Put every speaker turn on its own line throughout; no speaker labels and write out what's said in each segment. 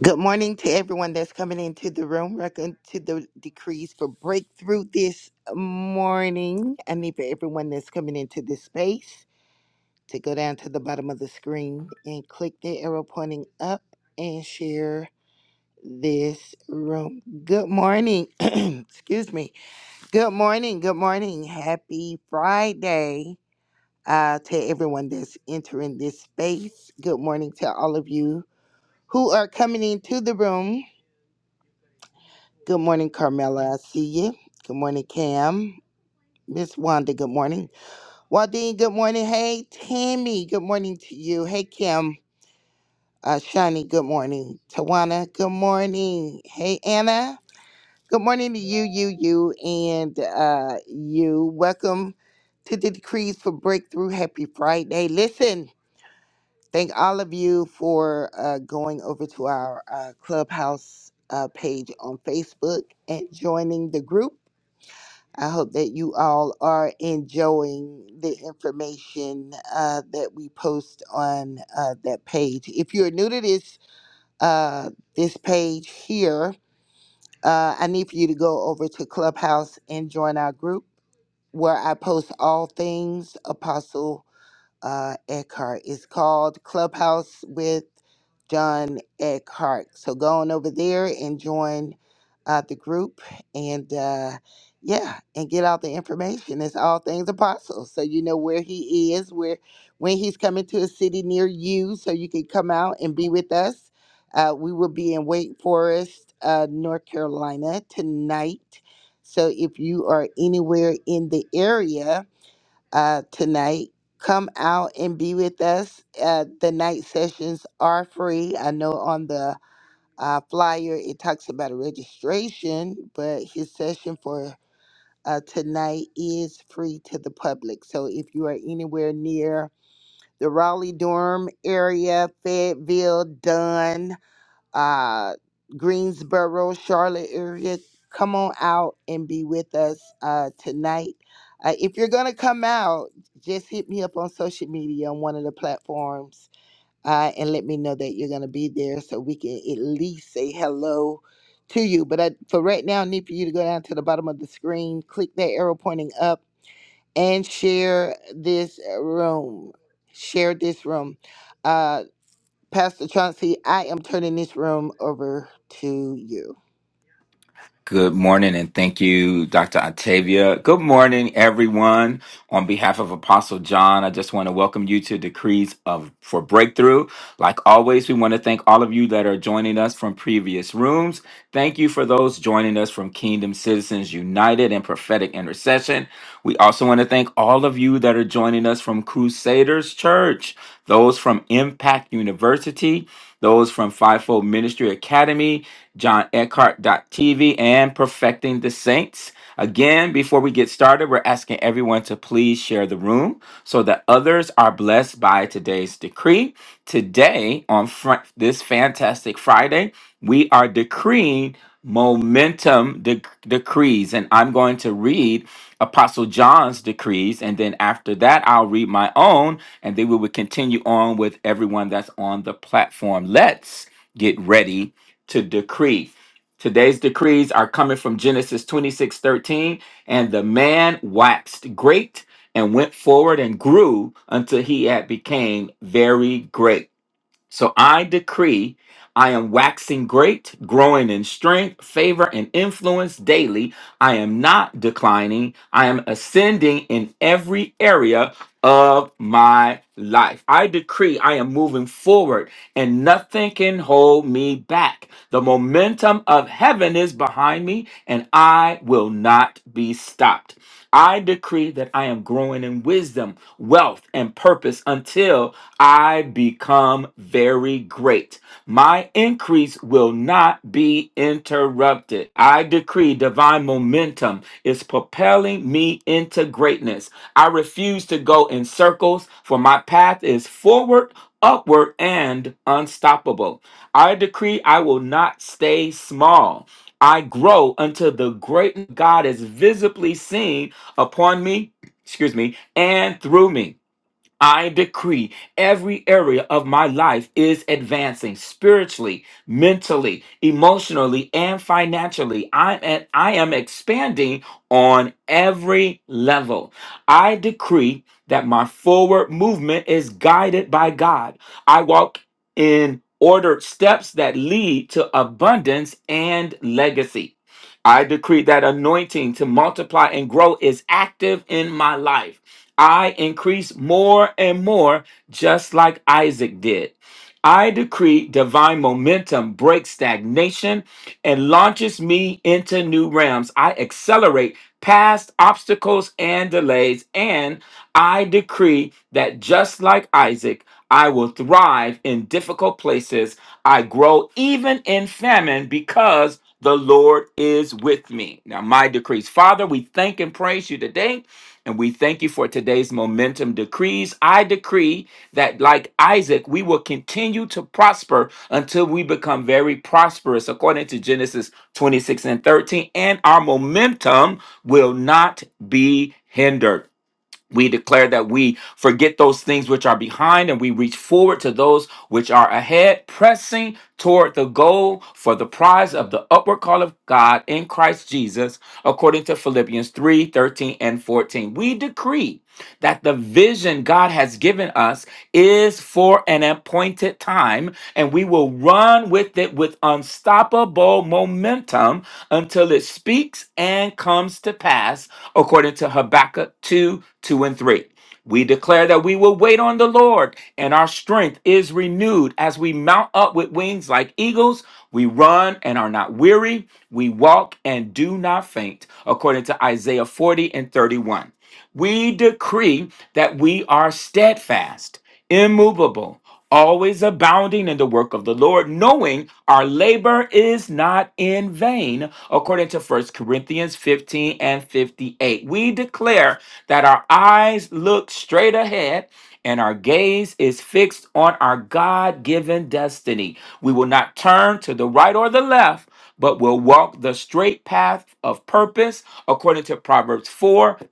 Good morning to everyone that's coming into the room. Welcome to the decrees for breakthrough this morning. I need for everyone that's coming into this space to go down to the bottom of the screen and click the arrow pointing up and share this room. Good morning. Excuse me. Good morning. Good morning. Happy Friday uh, to everyone that's entering this space. Good morning to all of you who are coming into the room. Good morning, Carmela. I see you. Good morning, Cam. Miss Wanda, good morning. Waldine, good morning. Hey, Tammy, good morning to you. Hey, Kim. Uh, Shani, good morning. Tawana, good morning. Hey, Anna, good morning to you, you, you, and uh, you. Welcome to the Decrees for Breakthrough. Happy Friday. Listen, thank all of you for uh, going over to our uh, Clubhouse uh, page on Facebook and joining the group I hope that you all are enjoying the information uh, that we post on uh, that page. If you're new to this uh, this page here, uh, I need for you to go over to Clubhouse and join our group where I post all things Apostle uh, Eckhart. It's called Clubhouse with John Eckhart. So go on over there and join uh, the group and uh, yeah, and get out the information. It's all things apostle. So you know where he is, where when he's coming to a city near you, so you can come out and be with us. Uh, we will be in Wake Forest, uh, North Carolina tonight. So if you are anywhere in the area, uh, tonight. Come out and be with us. Uh, the night sessions are free. I know on the uh, flyer it talks about a registration, but his session for uh, tonight is free to the public. So if you are anywhere near the Raleigh Durham area, Fayetteville, Dunn, uh, Greensboro, Charlotte area, come on out and be with us uh, tonight. Uh, if you're going to come out, just hit me up on social media on one of the platforms uh, and let me know that you're going to be there so we can at least say hello to you. But I, for right now, I need for you to go down to the bottom of the screen, click that arrow pointing up, and share this room. Share this room. Uh, Pastor Chauncey, I am turning this room over to you.
Good morning, and thank you, Dr. Octavia. Good morning, everyone. On behalf of Apostle John, I just want to welcome you to Decrees of for Breakthrough. Like always, we want to thank all of you that are joining us from previous rooms. Thank you for those joining us from Kingdom Citizens United and Prophetic Intercession. We also want to thank all of you that are joining us from Crusaders Church, those from Impact University, those from Fivefold Ministry Academy, John Eckhart TV, and Perfecting the Saints. Again, before we get started, we're asking everyone to please share the room so that others are blessed by today's decree. Today, on front, this fantastic Friday, we are decreeing momentum de- decrees. And I'm going to read Apostle John's decrees. And then after that, I'll read my own and then we will continue on with everyone that's on the platform. Let's get ready to decree. Today's decrees are coming from Genesis 26 13, And the man waxed great and went forward and grew until he had became very great. So I decree I am waxing great, growing in strength, favor, and influence daily. I am not declining. I am ascending in every area of my life. I decree I am moving forward and nothing can hold me back. The momentum of heaven is behind me and I will not be stopped. I decree that I am growing in wisdom, wealth, and purpose until I become very great. My increase will not be interrupted. I decree divine momentum is propelling me into greatness. I refuse to go in circles, for my path is forward, upward, and unstoppable. I decree I will not stay small. I grow until the great God is visibly seen upon me, excuse me, and through me. I decree every area of my life is advancing spiritually, mentally, emotionally, and financially. I'm at, I am expanding on every level. I decree that my forward movement is guided by God. I walk in ordered steps that lead to abundance and legacy. I decree that anointing to multiply and grow is active in my life. I increase more and more, just like Isaac did. I decree divine momentum breaks stagnation and launches me into new realms. I accelerate past obstacles and delays, and I decree that just like Isaac, I will thrive in difficult places. I grow even in famine because the Lord is with me. Now, my decrees. Father, we thank and praise you today. And we thank you for today's momentum decrees. I decree that, like Isaac, we will continue to prosper until we become very prosperous, according to Genesis 26 and 13. And our momentum will not be hindered. We declare that we forget those things which are behind and we reach forward to those which are ahead, pressing toward the goal for the prize of the upward call of God in Christ Jesus, according to Philippians 3 13 and 14. We decree that the vision God has given us is for an appointed time, and we will run with it with unstoppable momentum until it speaks and comes to pass according to Habakkuk 2 2 and 3. We declare that we will wait on the Lord, and our strength is renewed as we mount up with wings like eagles. We run and are not weary. We walk and do not faint, according to Isaiah 40 and 31. We decree that we are steadfast, immovable, always abounding in the work of the Lord, knowing our labor is not in vain, according to First Corinthians 15 and 58. We declare that our eyes look straight ahead and our gaze is fixed on our God given destiny. We will not turn to the right or the left, but will walk the straight path of purpose according to Proverbs 4:25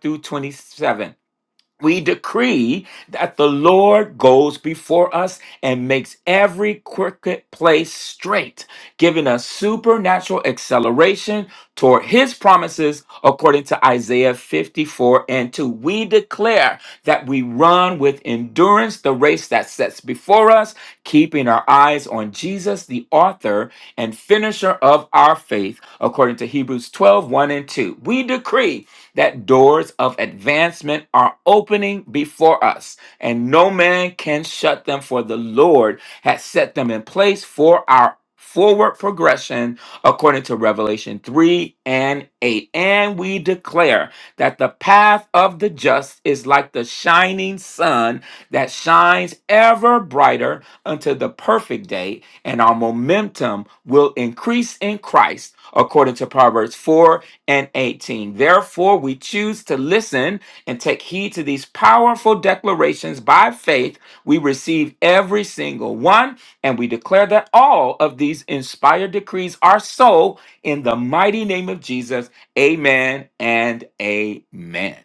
through 27 we decree that the Lord goes before us and makes every crooked place straight, giving us supernatural acceleration toward his promises according to Isaiah 54 and 2. We declare that we run with endurance the race that sets before us, keeping our eyes on Jesus, the author and finisher of our faith, according to Hebrews twelve one and 2. We decree that doors of advancement are opening before us, and no man can shut them, for the Lord has set them in place for our forward progression according to Revelation 3 and 8. And we declare that the path of the just is like the shining sun that shines ever brighter until the perfect day, and our momentum will increase in Christ according to Proverbs 4 and 18. Therefore, we choose to listen and take heed to these powerful declarations by faith. We receive every single one, and we declare that all of these inspired decrees are so in the mighty name of Jesus. Amen and amen.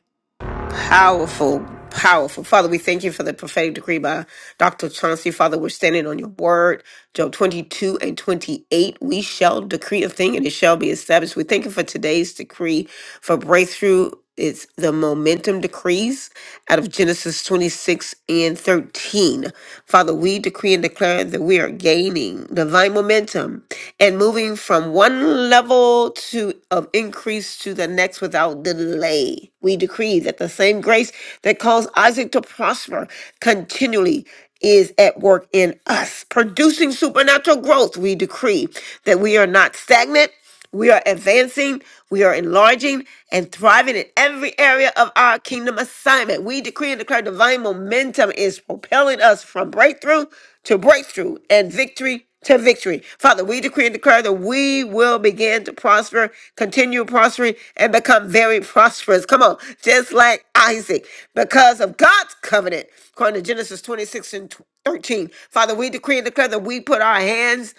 Powerful, powerful. Father, we thank you for the prophetic decree by Dr. Chauncey. Father, we're standing on your word. Job 22 and 28. We shall decree a thing and it shall be established. We thank you for today's decree for breakthrough. It's the momentum decrees out of Genesis 26 and 13. Father, we decree and declare that we are gaining divine momentum and moving from one level to of increase to the the Next, without delay. We decree that the same grace that caused Isaac to prosper continually is at work in us, producing supernatural growth. We decree that we are not stagnant. We are advancing, we are enlarging, and thriving in every area of our kingdom assignment. We decree and declare divine momentum is propelling us from breakthrough to breakthrough and victory to victory. Father, we decree and declare that we will begin to prosper, continue prospering, and become very prosperous. Come on, just like Isaac, because of God's covenant, according to Genesis 26 and 13. Father, we decree and declare that we put our hands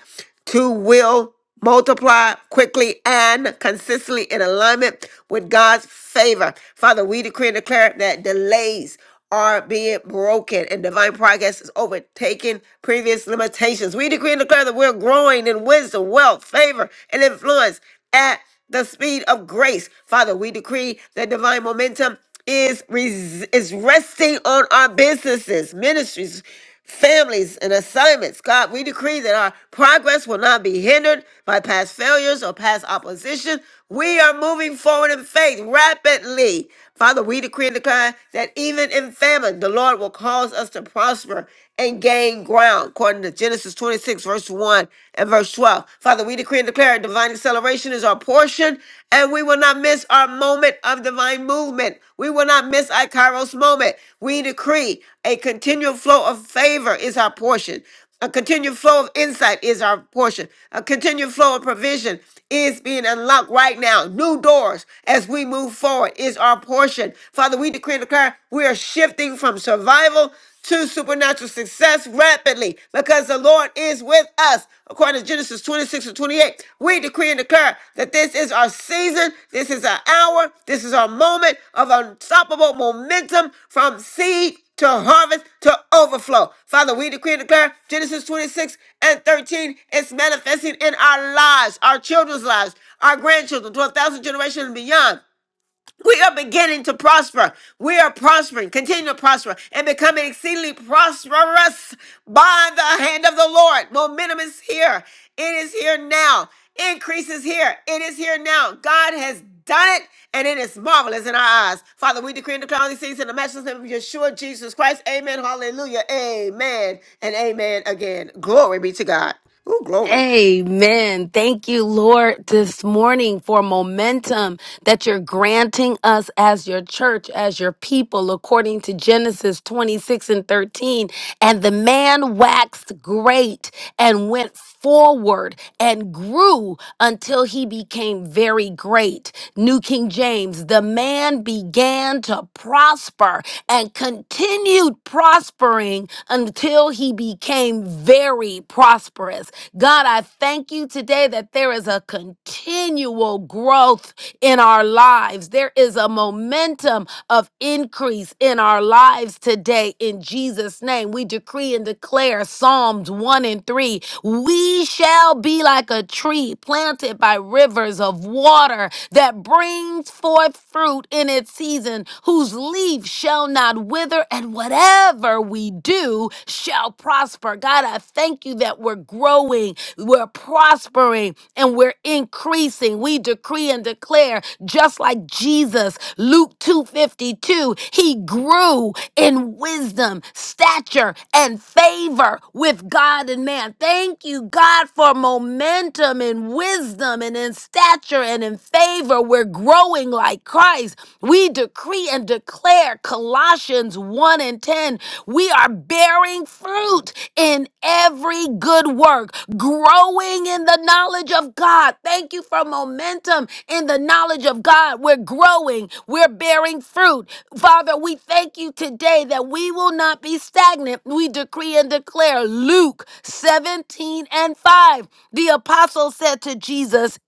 to will multiply quickly and consistently in alignment with God's favor. Father, we decree and declare that delays are being broken and divine progress is overtaking previous limitations. We decree and declare that we're growing in wisdom, wealth, favor, and influence at the speed of grace. Father, we decree that divine momentum is res- is resting on our businesses, ministries families, and assignments. God, we decree that our progress will not be hindered by past failures or past opposition. We are moving forward in faith rapidly. Father, we decree and declare that even in famine, the Lord will cause us to prosper and gain ground, according to Genesis 26, verse 1 and verse 12. Father, we decree and declare divine acceleration is our portion, and we will not will not miss our moment of divine movement. We will not miss our Kairos moment. We decree a continual flow of favor is our portion. A continued flow of insight is our portion. A continued flow of provision is being unlocked right now. New doors as we move forward is our portion. Father, we decree and declare we are shifting from survival to supernatural success rapidly because the Lord is with us. According to Genesis 26 and 28, we decree and declare that this is our season, this is our hour, this is our moment of unstoppable momentum from seed to harvest to overflow. Father, we decree and declare Genesis 26 and 13 is manifesting in our lives, our children's lives, our grandchildren, 12,000 generations and beyond. We are beginning to prosper. We are prospering, continue to prosper, and becoming exceedingly prosperous by the hand of the Lord. Momentum is here. It is here now. Increase is here. It is here now. God has done it, and it is marvelous in our eyes. Father, we decree and declare all these things in the matchless name of Yeshua, Jesus Christ. Amen. Hallelujah. Amen. And amen again. Glory be to God. Ooh, glory.
Amen. Thank you, Lord, this morning for momentum that you're granting us as your church, as your people, according to Genesis 26 and 13. And the man waxed great and went forward and grew until he became very great. New King James, the man began to prosper and continued prospering until he became very prosperous. God, I thank you today that there is a continual growth in our lives. There is a momentum of increase in our lives today in Jesus' name. We decree and declare Psalms 1 and 3 we shall be like a tree planted by rivers of water that brings forth fruit in its season, whose leaf shall not wither, and whatever we do shall prosper. God, I thank you that we're growing, we're prospering, and we're we're increasing. We decree and declare, just like Jesus, Luke 2:52, he grew in wisdom, stature, and favor with God and man. Thank you, God, for momentum in wisdom and in stature and in favor. We're growing like Christ. We decree and declare Colossians 1 and 10. We are bearing fruit in every good work growing in the knowledge of God. Thank you for momentum in the knowledge of God. We're growing, we're bearing fruit. Father, we thank you today that we will not be stagnant. We decree and declare Luke 17 and 5. The apostle said to Jesus,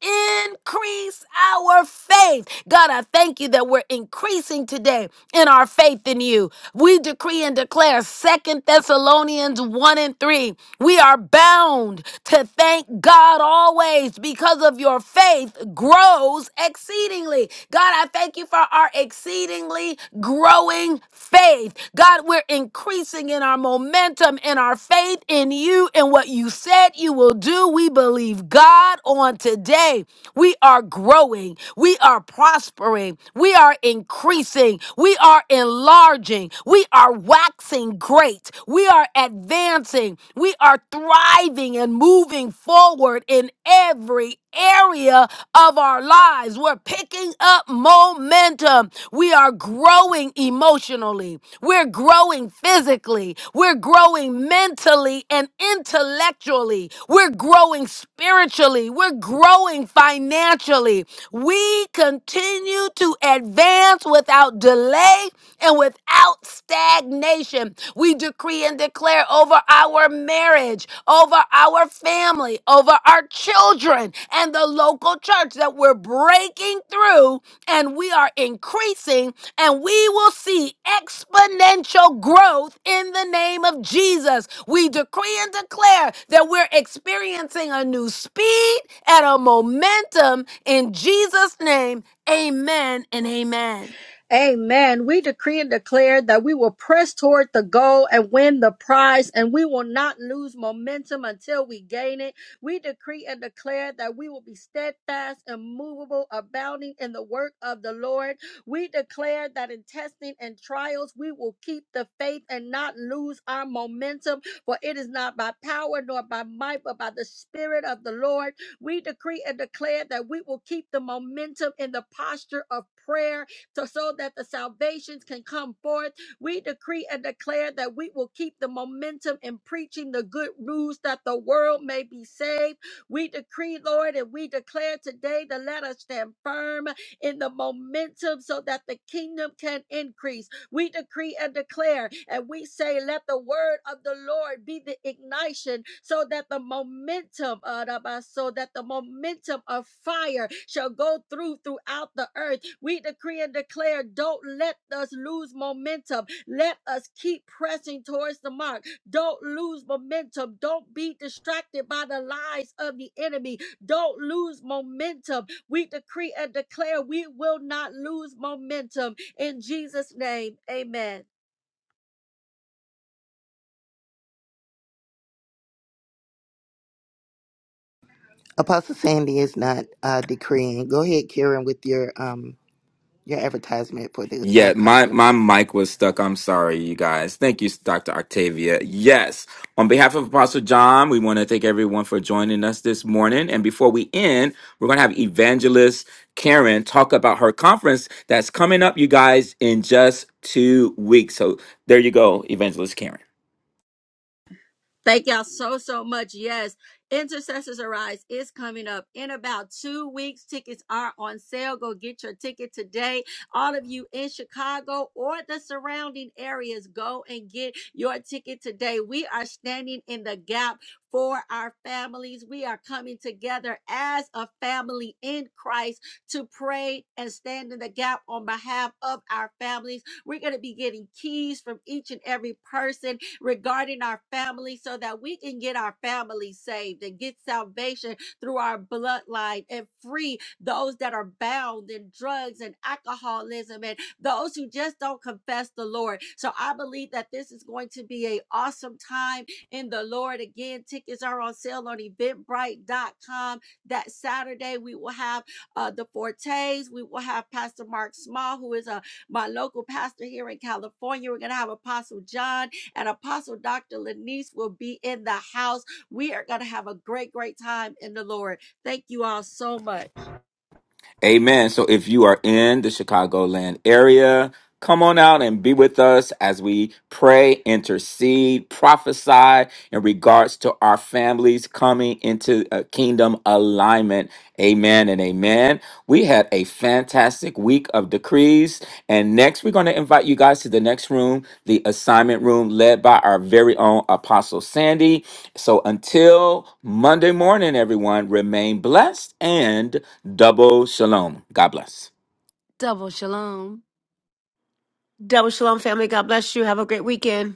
Increase our faith. God, I thank you that we're increasing today in our faith in you. We decree and declare Second Thessalonians. Philippians 1 and 3. We are bound to thank God always because of your faith grows exceedingly. God, I thank you for our exceedingly growing faith. God, we're increasing in our momentum in our faith in you and what you said you will do. We believe God on today. We are growing. We are prospering. We are increasing. We are enlarging. We are are waxing great. We are advancing. We are thriving and moving forward in every area of our lives. We're picking up momentum. We are growing emotionally. We're growing physically. We're growing mentally and intellectually. We're growing spiritually. We're growing financially. We continue to advance without without delay and without stagnation. We decree and declare over our marriage, over our family, over our children, and the local church that we're breaking through and we are increasing and we will see exponential growth in the name of Jesus. We decree and declare that we're experiencing a new speed and a momentum in Jesus' name. Amen and amen.
Amen. We decree and declare that we will press toward the goal and win the prize, and we will not lose momentum until we gain it. We decree and declare that we will be steadfast, immovable, abounding in the work of the Lord. We declare that in testing and trials, we will keep the faith and not lose our momentum, for it is not by power nor by might, but by the Spirit of the Lord. We decree and declare that we will keep the momentum in the posture of prayer to, so that the salvations can come forth. We decree and declare that we will keep the momentum in preaching the good news that the world may be saved. We decree, Lord, and we declare today to let us stand firm in the momentum so that the kingdom can increase we decree and declare, and we say, let the word of the Lord be the ignition so that the momentum, uh, so that the momentum of fire shall go through throughout the earth. We decree and declare, don't let us lose momentum. Let us keep pressing towards the mark. Don't lose momentum. Don't be distracted by the lies of the enemy. Don't lose momentum. We decree and declare we will not lose momentum in Jesus' name, amen.
Apostle Sandy is not uh, decreeing. Go ahead, Karen, with your um your advertisement for the uh,
Yeah, my
conference.
my mic was stuck. I'm sorry, you guys. Thank you, Dr. Octavia. Yes, on behalf of Apostle John, we want to thank everyone for joining us this morning. And before we end, we're going to have Evangelist Karen talk about her conference that's coming up, you guys, in just two weeks. So there you go, Evangelist Karen.
Thank y'all so, so much. Yes, Intercessors Arise is coming up in about two weeks. Tickets are on sale. Go get your ticket today. All of you in Chicago or the surrounding areas, go and get your ticket today. We are standing in the gap for our families. We are coming together as a family in Christ to pray and stand in the gap on behalf of our families. We're going to be getting keys from each and every person regarding our family so that we can get our family saved and get salvation through our bloodline and free those that are bound in drugs and alcoholism and those who just don't confess the Lord. So I believe that this is going to be an awesome time in the Lord. Again, tickets are on sale on eventbrite.com. That Saturday we will have uh, the Fortes. We will have Pastor Mark Small, who is a my local pastor here in California. We're gonna have Apostle John and Apostle Dr. Lanice will be in the house. We are going to have a great, great time in the Lord. Thank you all so much.
Amen. So if you are in the Chicagoland area, come on out and be with us as we pray, intercede, prophesy in regards to our families coming into a kingdom alignment. Amen and amen. We had a fantastic week of decrees. And next, we're going to invite you guys to the next room, the assignment room, led by our very own Apostle Sandy. So until Monday morning, everyone, remain blessed and Double shalom. God bless.
Double shalom.
Double shalom, family. God bless you. Have a great weekend.